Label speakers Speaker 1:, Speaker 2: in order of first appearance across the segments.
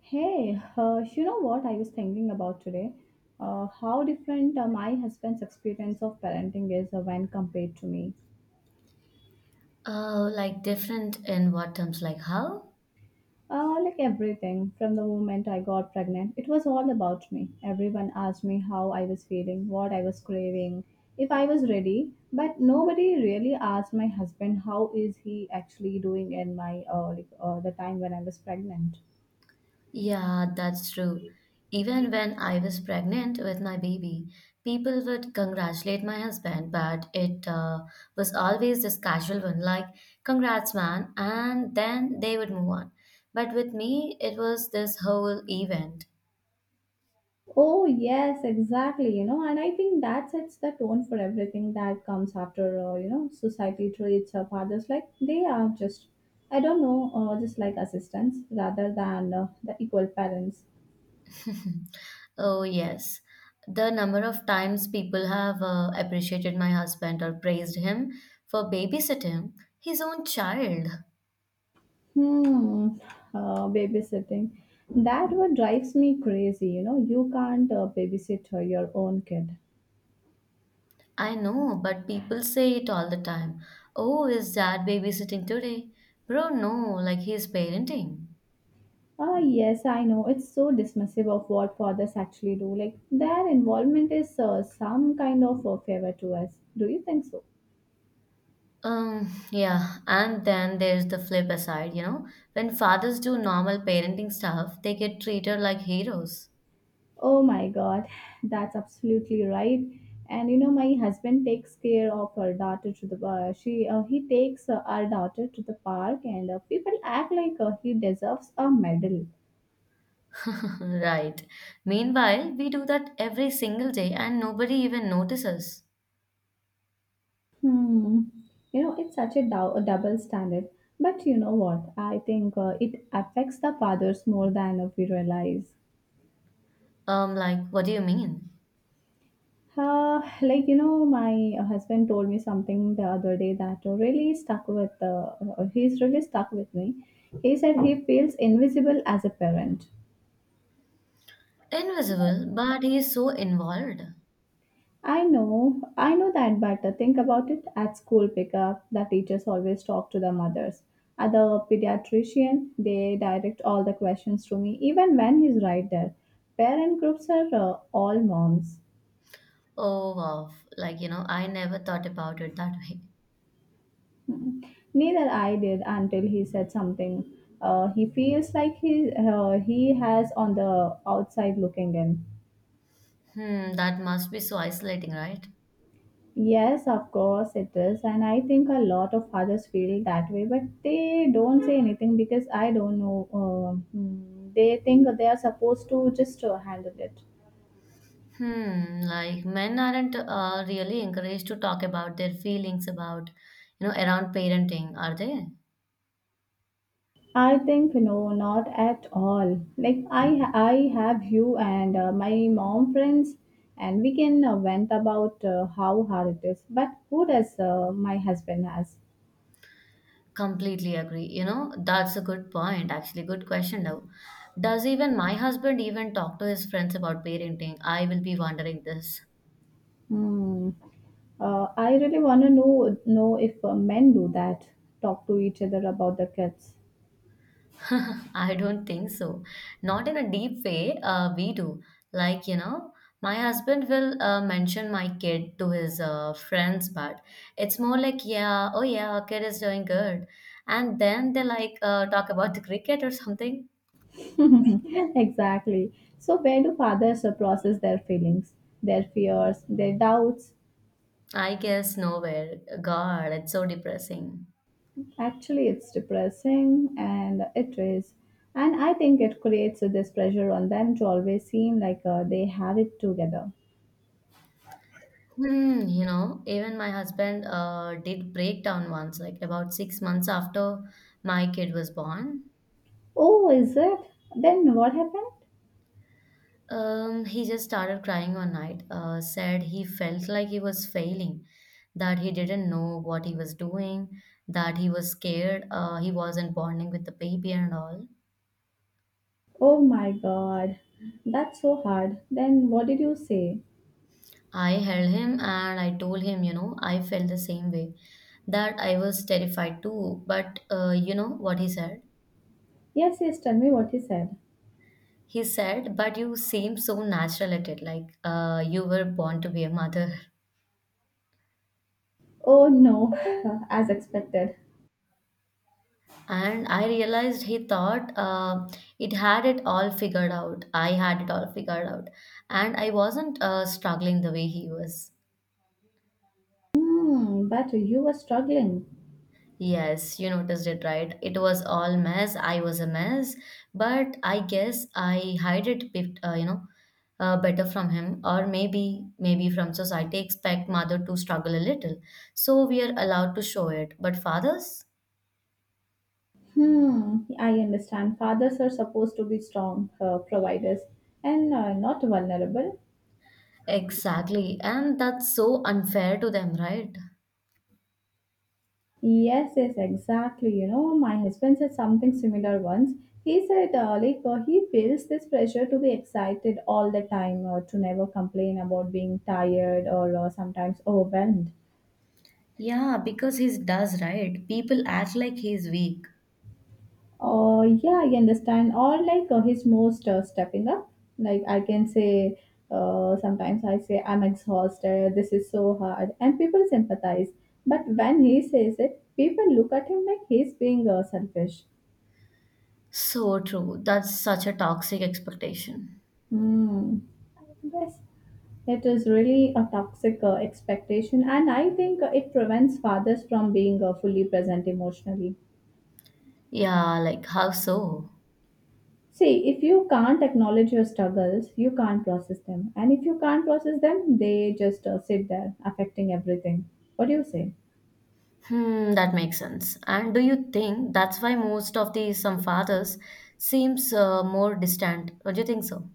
Speaker 1: Hey, you know what I was thinking about today? How different my husband's experience of parenting is when compared to me.
Speaker 2: Oh, like different in what terms? Like how?
Speaker 1: Like everything, from the moment I got pregnant, it was all about me. Everyone asked me how I was feeling, what I was craving, if I was ready, but nobody really asked my husband how is he actually doing in my the time when I was pregnant.
Speaker 2: Yeah, that's true. Even when I was pregnant with my baby, people would congratulate my husband, but it was always this casual one, like, congrats, man, and then they would move on. But with me, it was this whole event.
Speaker 1: Oh, yes, exactly. You know, and I think that sets the tone for everything that comes after, society treats fathers like they are just, I don't know, just like assistants rather than the equal parents.
Speaker 2: Oh, yes. The number of times people have appreciated my husband or praised him for babysitting his own child.
Speaker 1: Hmm, babysitting. That what drives me crazy. You know, you can't babysit your own kid.
Speaker 2: I know, but people say it all the time. Oh, is dad babysitting today? Bro, no, like he's parenting.
Speaker 1: Ah, yes, I know. It's so dismissive of what fathers actually do. Like, their involvement is some kind of a favor to us. Do you think so?
Speaker 2: Yeah, and then there's the flip aside, you know, when fathers do normal parenting stuff, they get treated like heroes.
Speaker 1: Oh my god, that's absolutely right. And you know, my husband takes care of our daughter to the she he takes our daughter to the park, and people act like he deserves a medal.
Speaker 2: Right. Meanwhile, we do that every single day and nobody even notices.
Speaker 1: Hmm. You know, it's such a, a double standard. But you know what? I think it affects the fathers more than we realize.
Speaker 2: Like, what do you mean?
Speaker 1: Like you know, my husband told me something the other day that really stuck with. He's really stuck with me. He said he feels invisible as a parent.
Speaker 2: Invisible, but he is so involved.
Speaker 1: I know that, but think about it. At school pickup, the teachers always talk to the mothers. At the pediatrician, they direct all the questions to me, even when he's right there. Parent groups are all moms.
Speaker 2: Oh, wow. Like, you know, I never thought about it that way.
Speaker 1: Mhm. Neither I did until he said something. He feels like he has on the outside looking in.
Speaker 2: Hmm, that must be so isolating, right?
Speaker 1: Yes, of course it is, and I think a lot of fathers feel that way, but they don't say anything because I don't know. They think they are supposed to just handle it.
Speaker 2: Hmm, like men aren't really encouraged to talk about their feelings about, you know, around parenting, are they?
Speaker 1: I think no, not at all. Like I have you and my mom friends, and we can vent about how hard it is. But who does my husband has?
Speaker 2: Completely agree. You know, that's a good point, actually. Good question, though. Does even my husband even talk to his friends about parenting? I will be wondering this.
Speaker 1: Hmm. I really want to know if men do that, talk to each other about the kids.
Speaker 2: I don't think so. Not in a deep way. We do. Like, you know, my husband will mention my kid to his friends, but it's more like, yeah, oh yeah, our kid is doing good. And then they like talk about the cricket or something.
Speaker 1: exactly. So where do fathers process their feelings, their fears, their doubts?
Speaker 2: I guess nowhere. God, it's so depressing.
Speaker 1: Actually, it's depressing and it is. And I think it creates this pressure on them to always seem like they have it together.
Speaker 2: Hmm, you know, even my husband did break down once, like about 6 months after my kid was born.
Speaker 1: Oh, is it? Then what happened?
Speaker 2: He just started crying one night, said he felt like he was failing, that he didn't know what he was doing, that he was scared, he wasn't bonding with the baby and all.
Speaker 1: Oh my god, that's so hard. Then what did you say?
Speaker 2: I held him and I told him, you know, I felt the same way, that I was terrified too. But what he said?
Speaker 1: Yes, yes, tell me what he said.
Speaker 2: He said, but you seem so natural at it, like you were born to be a mother.
Speaker 1: Oh no, as expected.
Speaker 2: And I realized he thought it had it all figured out. I had it all figured out. And I wasn't struggling the way he was.
Speaker 1: Hmm, but you were struggling.
Speaker 2: Yes, you noticed it right. It was all mess. I was a mess. But I guess I hide it, bit, better from him. Or maybe, from society expect mother to struggle a little. So we are allowed to show it. But fathers?
Speaker 1: Hmm, I understand. Fathers are supposed to be strong providers and not vulnerable.
Speaker 2: Exactly. And that's so unfair to them, right?
Speaker 1: Yes, yes, exactly. You know, my husband said something similar once. He said, he feels this pressure to be excited all the time, or to never complain about being tired or sometimes overwhelmed.
Speaker 2: Yeah, because he does, right? People act like he's weak.
Speaker 1: Oh, yeah, I understand. Or like his most stepping up. Like, I can say, sometimes I say, I'm exhausted, this is so hard, and people sympathize. But when he says it, people look at him like he's being selfish.
Speaker 2: So true. That's such a toxic expectation.
Speaker 1: Hmm. Yes, it is really a toxic expectation, and I think it prevents fathers from being fully present emotionally.
Speaker 2: Yeah, like how so?
Speaker 1: See, if you can't acknowledge your struggles, you can't process them, and if you can't process them, they just sit there, affecting everything. What do you say?
Speaker 2: Hmm, that makes sense. And do you think that's why most of the some fathers seems more distant? Or do you think so?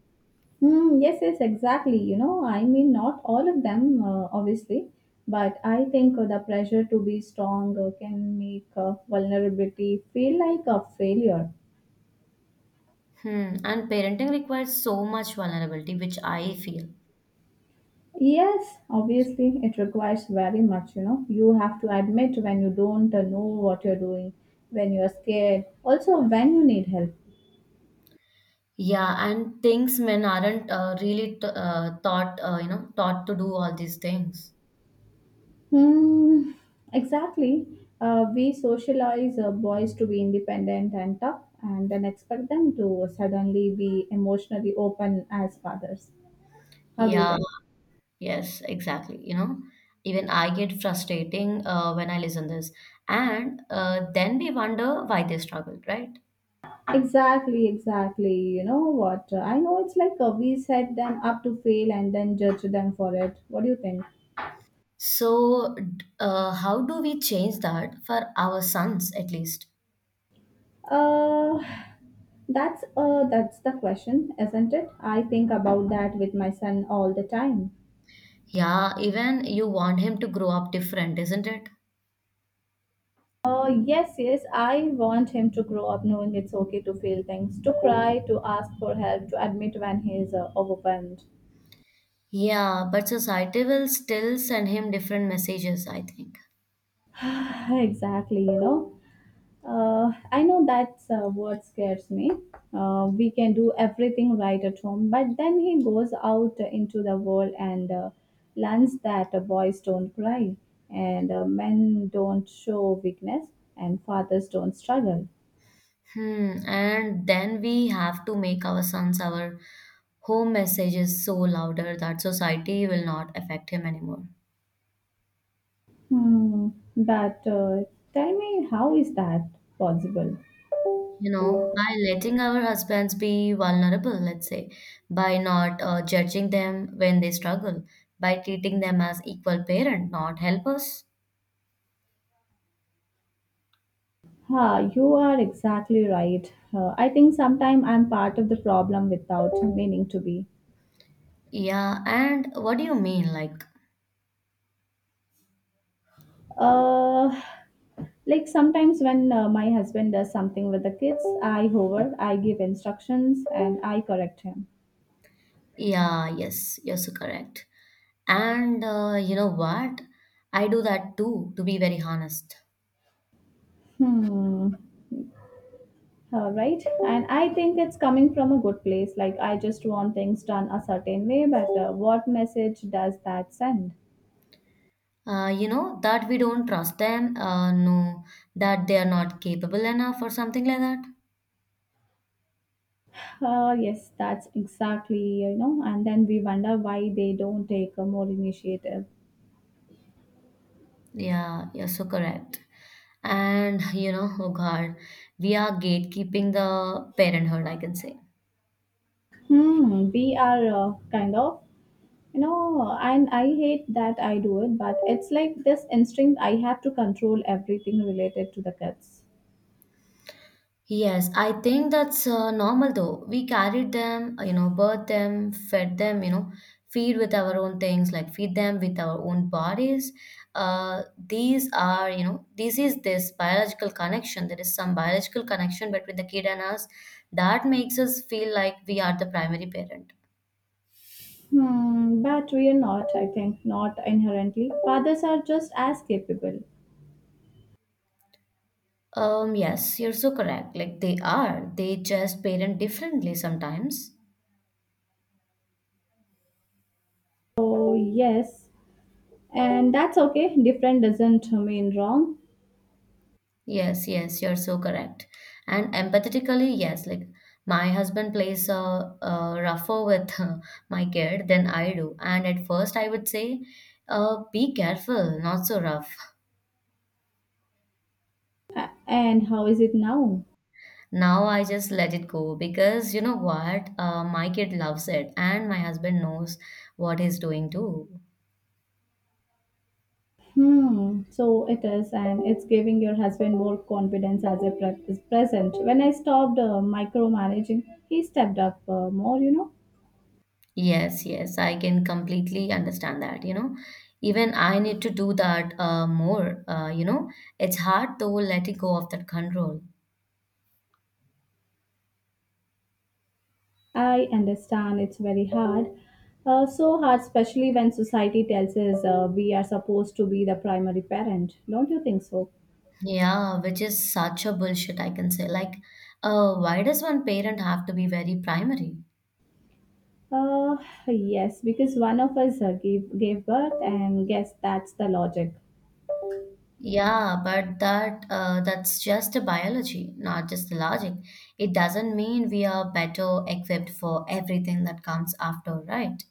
Speaker 1: Hmm. Yes, yes, exactly. You know, I mean, not all of them, obviously, but I think the pressure to be strong can make vulnerability feel like a failure.
Speaker 2: Hmm. And parenting requires so much vulnerability, which I feel.
Speaker 1: Yes, obviously, it requires very much, you know. You have to admit when you don't know what you're doing, when you're scared, also when you need help.
Speaker 2: Yeah, and things men aren't taught, taught to do all these things.
Speaker 1: Hmm, exactly. We socialize boys to be independent and tough and then expect them to suddenly be emotionally open as fathers. How do you
Speaker 2: Yeah.
Speaker 1: think?
Speaker 2: Yes, exactly. You know, even I get frustrating when I listen this, and then we wonder why they struggled, right?
Speaker 1: Exactly, exactly. You know what? I know it's like we set them up to fail and then judge them for it. What do you think?
Speaker 2: So, how do we change that for our sons at least?
Speaker 1: Uh, that's the question, isn't it? I think about that with my son all the time.
Speaker 2: Yeah, even you want him to grow up different, isn't it?
Speaker 1: Yes, I want him to grow up knowing it's okay to feel things, to cry, to ask for help, to admit when he is overwhelmed.
Speaker 2: Yeah, but society will still send him different messages, I think.
Speaker 1: exactly, you know. I know that's what scares me. We can do everything right at home, but then he goes out into the world and learns that boys don't cry, and men don't show weakness, and fathers don't struggle.
Speaker 2: Hmm, and then we have to make our sons our home messages so louder that society will not affect him anymore.
Speaker 1: Hmm. But tell me, how is that possible?
Speaker 2: You know, by letting our husbands be vulnerable, let's say, by not judging them when they struggle, by treating them as equal parent, not helpers.
Speaker 1: Ha, you are exactly right. I think sometimes I'm part of the problem without meaning to be.
Speaker 2: Yeah, and what do you mean? Like,
Speaker 1: Uh, Like sometimes when my husband does something with the kids, I hover, I give instructions, and I correct him.
Speaker 2: yeah, yes, yes, you're so correct. And you know what? I do that too, to be very honest.
Speaker 1: Hmm. All right. And I think it's coming from a good place. Like I just want things done a certain way, but what message does that send?
Speaker 2: You know, that we don't trust them, no, that they are not capable enough or something like that.
Speaker 1: Yes, that's exactly, you know, and then we wonder why they don't take a more initiative.
Speaker 2: Yeah, you're so correct. And you know, oh God, we are gatekeeping the parenthood, I can say.
Speaker 1: Hmm, we are kind of No, and I hate that I do it, but it's like this instinct I have to control everything related to the kids.
Speaker 2: Yes, I think that's normal though. We carried them, you know, birthed them, fed them, you know, feed with our own things, like feed them with our own bodies. Uh, these are, you know, this is this biological connection. There is some biological connection between the kid and us that makes us feel like we are the primary parent.
Speaker 1: Hmm, but we are not, I think, not inherently. Fathers are just as capable.
Speaker 2: Yes, you're so correct. Like they are, they just parent differently sometimes.
Speaker 1: Oh yes, and that's okay. Different doesn't mean wrong.
Speaker 2: Yes, yes, you're so correct. And empathetically, yes, like my husband plays rougher with my kid than I do. And at first, I would say, be careful, not so rough.
Speaker 1: And how is it now?
Speaker 2: Now I just let it go because you know what? My kid loves it, and my husband knows what he's doing too.
Speaker 1: Hmm, so it is, and it's giving your husband more confidence as a pre- is present. When I stopped micromanaging, he stepped up more, you know.
Speaker 2: Yes, yes, I can completely understand that. You know, even I need to do that more. You know, it's hard though letting go of that control.
Speaker 1: I understand it's very hard. So hard, especially when society tells us we are supposed to be the primary parent. Don't you think so?
Speaker 2: Yeah, which is such a bullshit, I can say. Like, why does one parent have to be very primary?
Speaker 1: Uh, yes, because one of us gave birth, and guess that's the logic.
Speaker 2: Yeah, but that's just the biology, not just the logic. It doesn't mean we are better equipped for everything that comes after, right?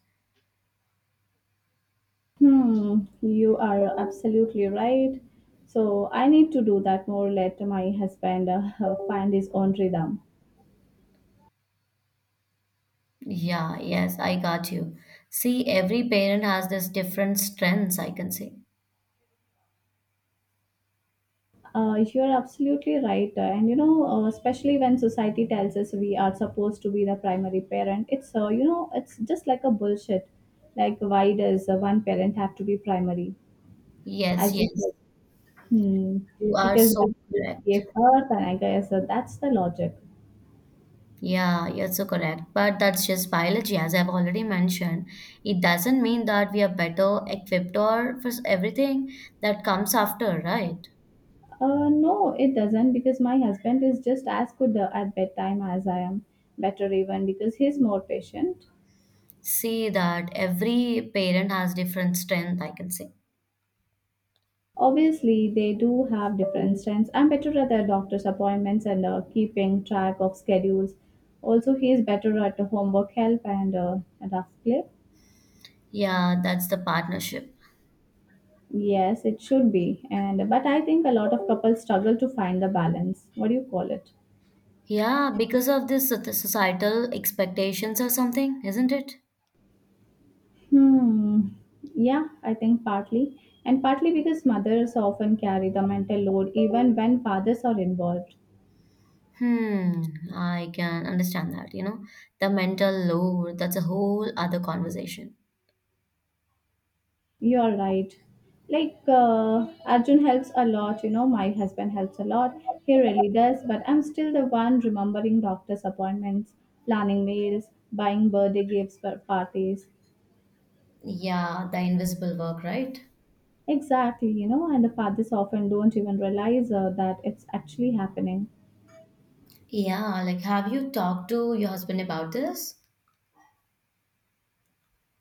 Speaker 1: Hmm, you are absolutely right. So I need to do that more. Let my husband find his own rhythm.
Speaker 2: Yeah, yes, I got you. See, every parent has this different strengths, I can say.
Speaker 1: You're absolutely right. And you know, especially when society tells us we are supposed to be the primary parent, it's it's just like a bullshit. Like, why does one parent have to be primary? I
Speaker 2: Yes,
Speaker 1: just
Speaker 2: yes,
Speaker 1: like, hmm,
Speaker 2: you are
Speaker 1: because
Speaker 2: so
Speaker 1: one
Speaker 2: correct.
Speaker 1: gave birth, and I guess that's the logic.
Speaker 2: Yeah, you're so correct. But that's just biology, as I've already mentioned. It doesn't mean that we are better equipped or for everything that comes after, right?
Speaker 1: No, it doesn't because my husband is just as good at bedtime as I am. Better even because he's more patient.
Speaker 2: See that every parent has different strength, I can say.
Speaker 1: Obviously, they do have different strengths. I'm better at the doctor's appointments and keeping track of schedules. Also, he is better at the homework help and rough clip.
Speaker 2: Yeah, that's the partnership.
Speaker 1: Yes, it should be. And but I think a lot of couples struggle to find the balance. What do you call it?
Speaker 2: Yeah, because of this societal expectations or something, isn't it?
Speaker 1: Hmm. Yeah, I think partly, and partly because mothers often carry the mental load even when fathers are involved.
Speaker 2: Hmm, I can understand that, you know. The mental load, that's a whole other conversation.
Speaker 1: You're right. Arjun helps a lot, you know, my husband helps a lot. He really does, but I'm still the one remembering doctor's appointments, planning meals, buying birthday gifts for parties.
Speaker 2: Yeah, the invisible work, right?
Speaker 1: Exactly, you know, and the fathers often don't even realize that it's actually happening.
Speaker 2: Yeah, like have you talked to your husband about this?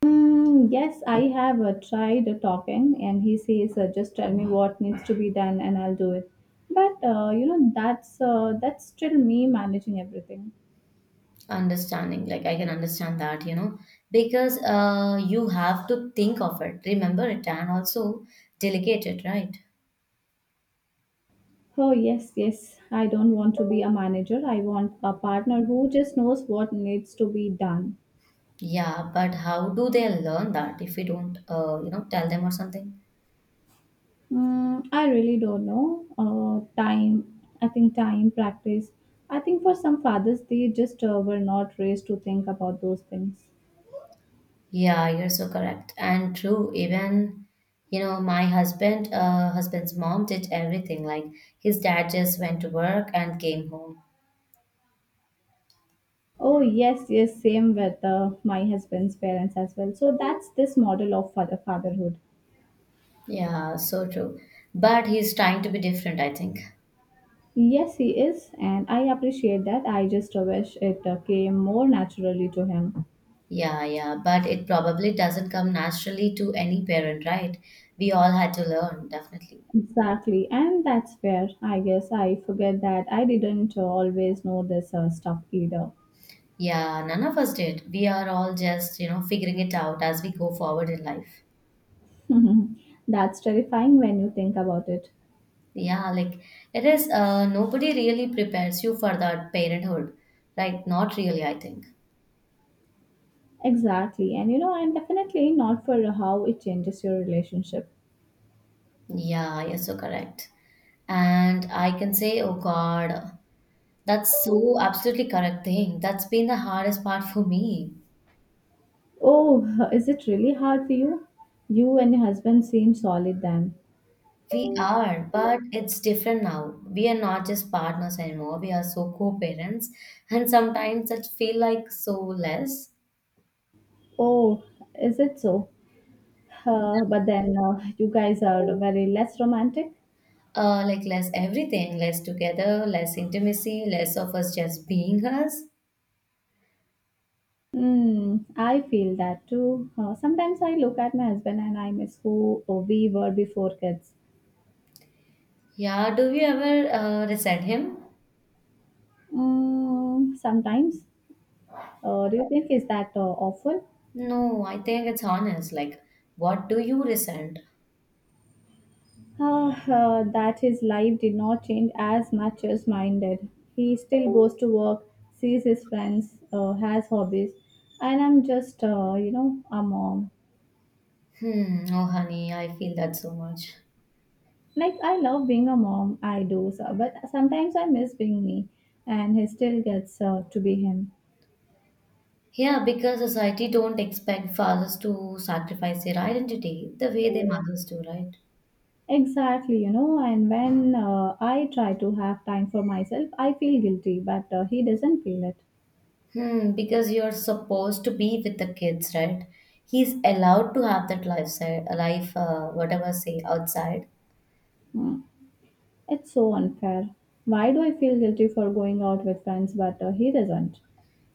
Speaker 1: Mm, yes, I have tried talking, and he says, "Just tell me what needs to be done, and I'll do it." But that's still me managing everything.
Speaker 2: Understanding, like I can understand that, you know, because you have to think of it, remember it, and also delegate it, right?
Speaker 1: Oh, yes, yes. I don't want to be a manager. I want a partner who just knows what needs to be done.
Speaker 2: Yeah, but how do they learn that if we don't, tell them or something?
Speaker 1: Mm, I really don't know. I think time, practice. I think for some fathers, they just were not raised to think about those things.
Speaker 2: Yeah, you're so correct and true. Even, you know, husband's mom did everything. Like his dad just went to work and came home.
Speaker 1: Oh, yes, yes. Same with my husband's parents as well. So that's this model of fatherhood.
Speaker 2: Yeah, so true. But he's trying to be different, I think.
Speaker 1: Yes, he is, and I appreciate that. I just wish it came more naturally to him.
Speaker 2: Yeah, yeah, but it probably doesn't come naturally to any parent, right? We all had to learn, definitely.
Speaker 1: Exactly, and that's where I guess I forget that I didn't always know this stuff either.
Speaker 2: Yeah, none of us did. We are all just, you know, figuring it out as we go forward in life.
Speaker 1: that's terrifying when you think about it.
Speaker 2: Yeah, like it is, nobody really prepares you for that parenthood, right? Not really, I think.
Speaker 1: Exactly, and you know, and definitely not for how it changes your relationship.
Speaker 2: Yeah, you're so correct. And I can say, oh God, that's so absolutely correct thing. That's been the hardest part for me.
Speaker 1: Oh, is it really hard for you? You and your husband seem solid then.
Speaker 2: We are, but it's different now. We are not just partners anymore. We are so co-parents, and sometimes it feel like so less,
Speaker 1: Oh, is it so? But then you guys are very less romantic.
Speaker 2: like less everything, less together, less intimacy, less of us just being us.
Speaker 1: Mm, I feel that too. Sometimes I look at my husband and I miss who we were before kids.
Speaker 2: Yeah. Do you ever resent him?
Speaker 1: Mm, sometimes. Do you think is that awful?
Speaker 2: No, I think it's honest. Like, what do you resent?
Speaker 1: That his life did not change as much as mine did. He still goes to work, sees his friends, has hobbies, and I'm just, a mom.
Speaker 2: Hmm. Oh, honey, I feel that so much.
Speaker 1: Like, I love being a mom, I do, so, but sometimes I miss being me, and he still gets to be him.
Speaker 2: Yeah, because society don't expect fathers to sacrifice their identity the way their mothers do, right?
Speaker 1: Exactly, you know, and when I try to have time for myself, I feel guilty, but he doesn't feel it.
Speaker 2: Hmm, because you're supposed to be with the kids, right? He's allowed to have that life, life, whatever say outside,
Speaker 1: Hmm. It's so unfair. Why do I feel guilty for going out with friends, but he doesn't?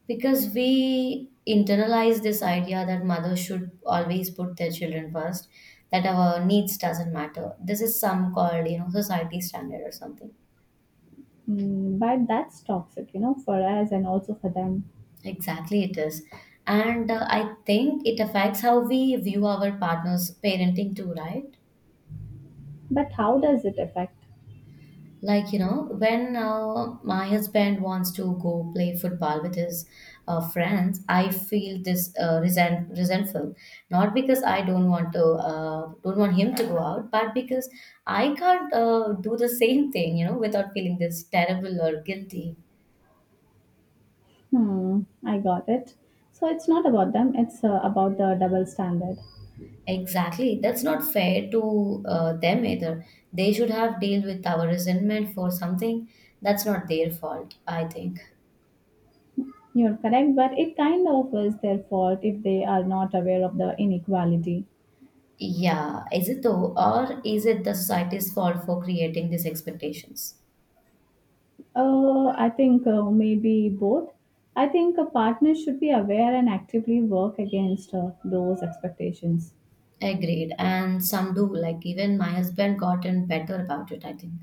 Speaker 2: because we internalize this idea that mothers should always put their children first, that our needs doesn't matter. This is some called, you know, society standard or something.
Speaker 1: Mm, but that's toxic, you know, for us and also for them.
Speaker 2: Exactly, it is, and I think it affects how we view our partners' parenting too, right?
Speaker 1: But how does it affect?
Speaker 2: Like, you know, when my husband wants to go play football with his friends, I feel this resentful. Not because I don't want to don't want him to go out, but because I can't do the same thing, you know, without feeling this terrible or guilty.
Speaker 1: Hmm, I got it. So it's not about them, it's about the double standard.
Speaker 2: Exactly. That's not fair to them either. They should have dealt with our resentment for something that's not their fault, I think.
Speaker 1: You're correct, but it kind of is their fault if they are not aware of the inequality.
Speaker 2: Yeah, is it though, or is it the society's fault for creating these expectations?
Speaker 1: I think maybe both. I think a partner should be aware and actively work against those expectations.
Speaker 2: Agreed. And some do, like even my husband gotten better about it, I think.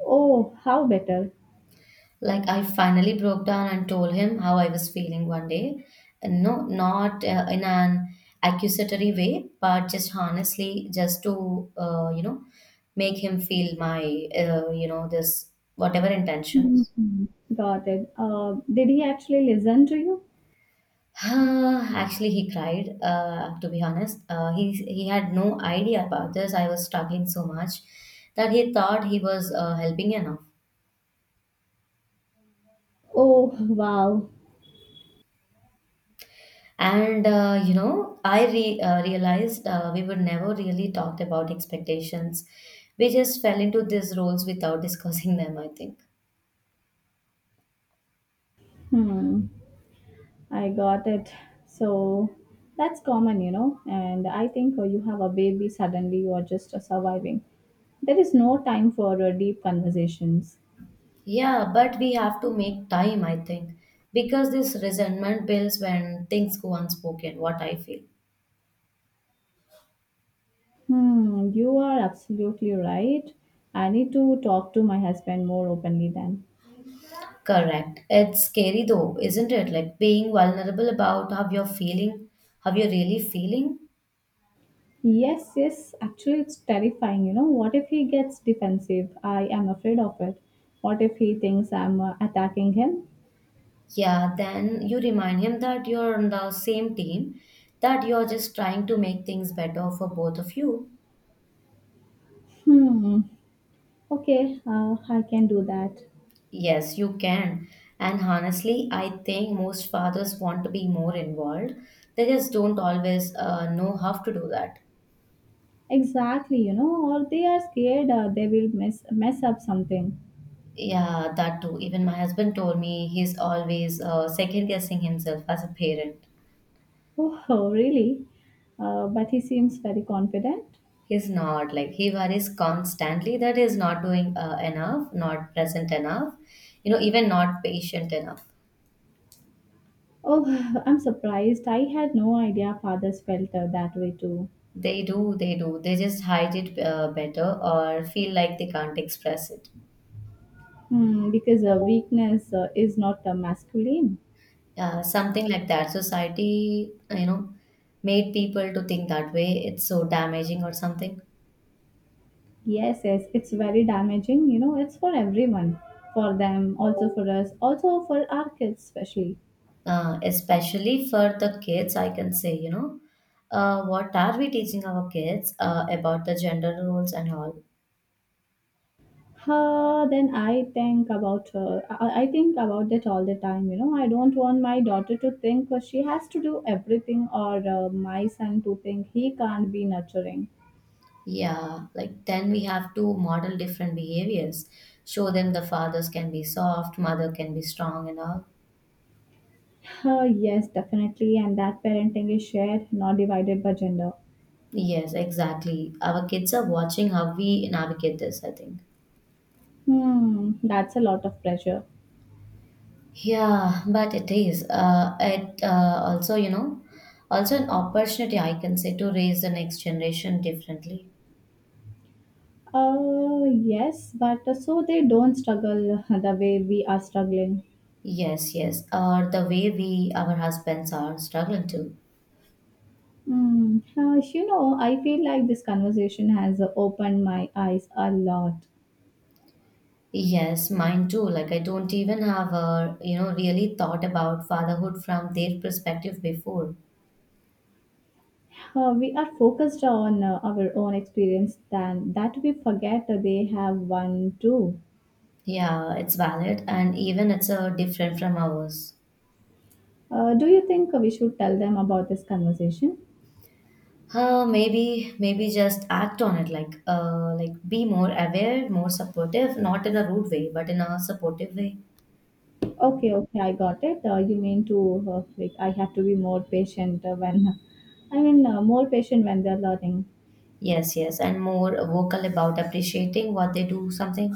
Speaker 1: Oh, how better?
Speaker 2: Like I finally broke down and told him how I was feeling one day. And no, not in an accusatory way, but just honestly, just to, make him feel my, this whatever intentions.
Speaker 1: Mhm. Got it. Did he actually listen to you?
Speaker 2: Ah, actually, he cried, to be honest. He had no idea about this. I was struggling so much that he thought he was helping enough.
Speaker 1: Oh, wow.
Speaker 2: And, realized we were never really talked about expectations. We just fell into these roles without discussing them, I think.
Speaker 1: Hmm. I got it. So that's common, you know. And I think you have a baby suddenly, you are just surviving. There is no time for deep conversations.
Speaker 2: Yeah, but we have to make time, I think, because this resentment builds when things go unspoken, what I feel.
Speaker 1: Hmm, you are absolutely right. I need to talk to my husband more openly then.
Speaker 2: Correct. It's scary though, isn't it? Like being vulnerable about how you're feeling, how you're really feeling.
Speaker 1: Yes, yes, actually, it's terrifying. You know, what if he gets defensive? I am afraid of it. What if he thinks I'm attacking him?
Speaker 2: Yeah, then you remind him that you're on the same team, that you're just trying to make things better for both of you.
Speaker 1: Hmm, okay, I can do that.
Speaker 2: Yes, you can. And honestly, I think most fathers want to be more involved. They just don't always know how to do that.
Speaker 1: Exactly, you know, or they are scared they will mess up something.
Speaker 2: Yeah, that too. Even my husband told me he's always second guessing himself as a parent.
Speaker 1: Oh, really? But he seems very confident.
Speaker 2: He's not like he worries constantly that he's not doing enough, not present enough, you know, even not patient enough.
Speaker 1: Oh, I'm surprised. I had no idea fathers felt that way too.
Speaker 2: They do, they do. They just hide it better or feel like they can't express it.
Speaker 1: Hmm, because weakness is not masculine.
Speaker 2: Something like that. Society, you know, made people to think that way. It's so damaging or something.
Speaker 1: Yes, yes, it's very damaging. You know, it's for everyone. For them, also for us, also for our kids, especially.
Speaker 2: Especially for the kids, I can say, you know, what are we teaching our kids about the gender roles and all?
Speaker 1: Then I think about it all the time. You know, I don't want my daughter to think she has to do everything, or my son to think he can't be nurturing.
Speaker 2: Yeah, like then we have to model different behaviors. Show them the fathers can be soft, mother can be strong, and all.
Speaker 1: Yes, definitely. And that parenting is shared, not divided by gender.
Speaker 2: Yes, exactly. Our kids are watching how we navigate this, I think.
Speaker 1: Hmm, that's a lot of pressure.
Speaker 2: Yeah, but it is. It also, you know, also an opportunity, I can say, to raise the next generation differently.
Speaker 1: Yes, but So they don't struggle the way we are struggling.
Speaker 2: Yes, yes. Or the way we, our husbands, are struggling to.
Speaker 1: Hmm, you know, I feel like this conversation has opened my eyes a lot.
Speaker 2: Yes, mine too. Like I don't even have a, you know, really thought about fatherhood from their perspective before.
Speaker 1: We are focused on our own experience, than that we forget that they have one too.
Speaker 2: Yeah, it's valid and even it's different from ours.
Speaker 1: Do you think we should tell them about this conversation?
Speaker 2: Maybe just act on it like be more aware, more supportive, not in a rude way, but in a supportive way.
Speaker 1: Okay, okay, I got it. You mean to like, I have to be more patient when I mean more patient when they're learning.
Speaker 2: Yes, yes, and more vocal about appreciating what they do, something.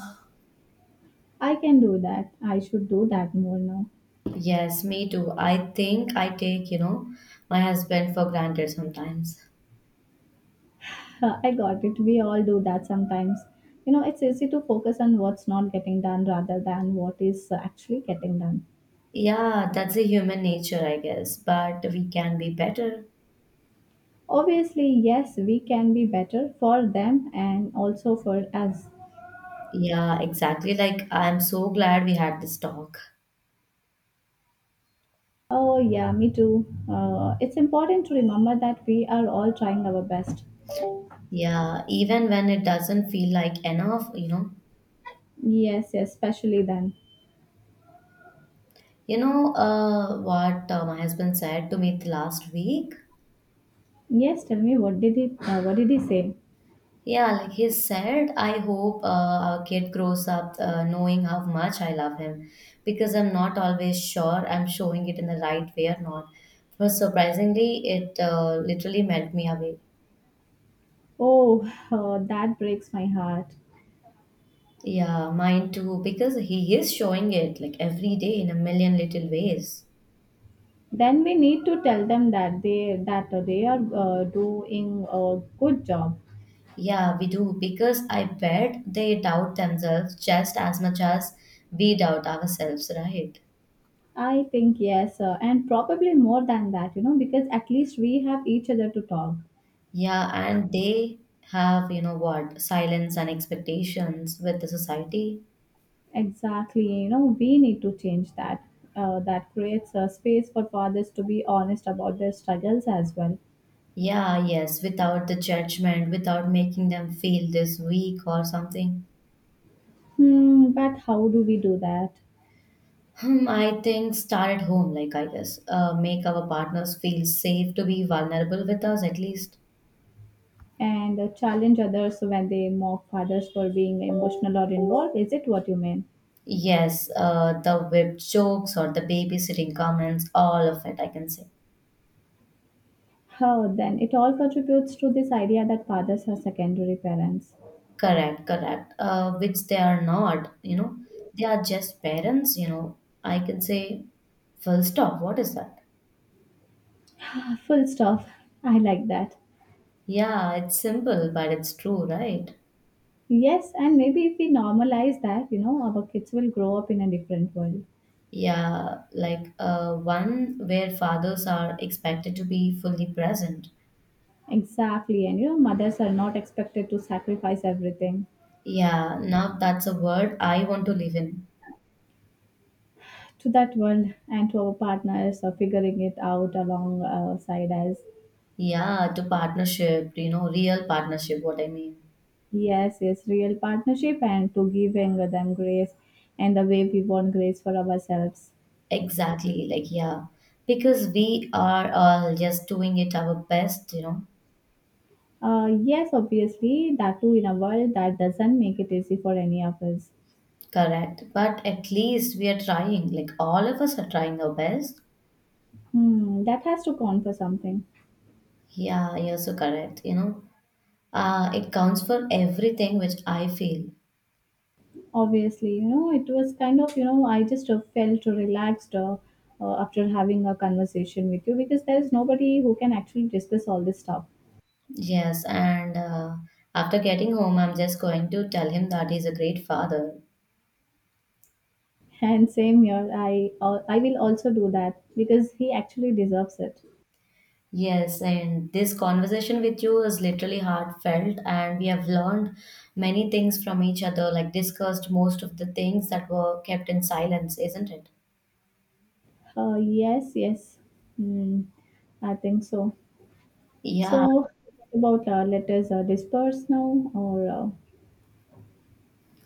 Speaker 1: I can do that. I should do that more now.
Speaker 2: Yes, me too. I think I take, you know, my husband for granted sometimes.
Speaker 1: I got it. We all do that sometimes. You know, it's easy to focus on what's not getting done rather than what is actually getting done.
Speaker 2: Yeah, that's a human nature, I guess, but we can be better.
Speaker 1: Obviously, yes, we can be better for them and also for us.
Speaker 2: Yeah, exactly. Like, I'm so glad we had this talk.
Speaker 1: Oh, yeah, me too. It's important to remember that we are all trying our best.
Speaker 2: Yeah, even when it doesn't feel like enough, you know.
Speaker 1: Yes, yes, especially then.
Speaker 2: You know what my husband said to me the last week?
Speaker 1: Yes, tell me, what did he say?
Speaker 2: Yeah, like he said, I hope our kid grows up knowing how much I love him because I'm not always sure I'm showing it in the right way or not. But surprisingly, it literally melt me away.
Speaker 1: Oh, that breaks my heart.
Speaker 2: Yeah, mine too, because he is showing it like every day in a million little ways.
Speaker 1: Then we need to tell them that they are doing a good job.
Speaker 2: Yeah, we do, because I bet they doubt themselves just as much as we doubt ourselves, right?
Speaker 1: I think yes, and probably more than that, you know, because at least we have each other to talk.
Speaker 2: Yeah, and they have, you know what, silence and expectations with the society.
Speaker 1: Exactly, you know, we need to change that. That creates a space for fathers to be honest about their struggles as well.
Speaker 2: Yeah, yes, without the judgment, without making them feel this weak or something.
Speaker 1: Hmm, but how do we do that?
Speaker 2: Hmm, I think start at home, like I guess, make our partners feel safe to be vulnerable with us at least.
Speaker 1: And challenge others when they mock fathers for being emotional or involved. Is it what you mean?
Speaker 2: Yes, the web jokes or the babysitting comments, all of it, I can say.
Speaker 1: Oh, then it all contributes to this idea that fathers are secondary parents.
Speaker 2: Correct, correct. Which they are not, you know, they are just parents, you know. I can say, full stop, what is that?
Speaker 1: Ah, full stop. I like that.
Speaker 2: Yeah, it's simple, but it's true, right?
Speaker 1: Yes, and maybe if we normalize that, you know, our kids will grow up in a different world.
Speaker 2: Yeah, like one where fathers are expected to be fully present.
Speaker 1: Exactly, and you know, mothers are not expected to sacrifice everything
Speaker 2: Yeah, now that's a word I want to live in.
Speaker 1: to that world, and to our partners are figuring it out alongside us.
Speaker 2: Yeah, to partnership, you know, real partnership, what I mean.
Speaker 1: Yes, yes, real partnership, and to give giving them grace and the way we want grace for ourselves.
Speaker 2: Exactly, like, yeah, because we are all just doing it our best, you know,
Speaker 1: Yes, obviously, that too, in a world that doesn't make it easy for any of us.
Speaker 2: correct? But at least we are trying, like, all of us are trying our best.
Speaker 1: Hmm, that has to count for something.
Speaker 2: Yeah, you're so correct, you know, it counts for everything which I feel.
Speaker 1: Obviously, you know, it was kind of, you know, I just felt relaxed, after having a conversation with you, because there's nobody who can actually discuss all this stuff.
Speaker 2: Yes, and after getting home, I'm just going to tell him that he's a great father.
Speaker 1: And same here, I will also do that because he actually deserves it.
Speaker 2: Yes, and this conversation with you is literally heartfelt, and we have learned many things from each other, like discussed most of the things that were kept in silence, isn't it?
Speaker 1: Yes, yes. Mm, I think so.
Speaker 2: Yeah,
Speaker 1: So, what about let us disperse now, or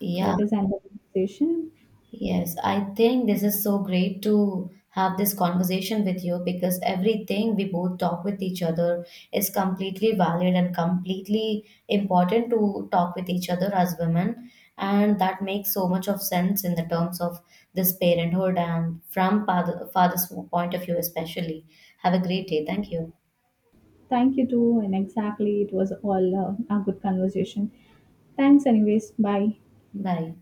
Speaker 2: yeah.
Speaker 1: let us end the conversation.
Speaker 2: Yes, I think this is so great to have this conversation with you because everything we both talk with each other is completely valid and completely important to talk with each other as women. And that makes so much of sense in the terms of this parenthood and from father, father's point of view, especially. Have a great day. Thank you.
Speaker 1: Thank you too. And exactly, it was all a good conversation. Thanks, anyways. Bye.
Speaker 2: Bye.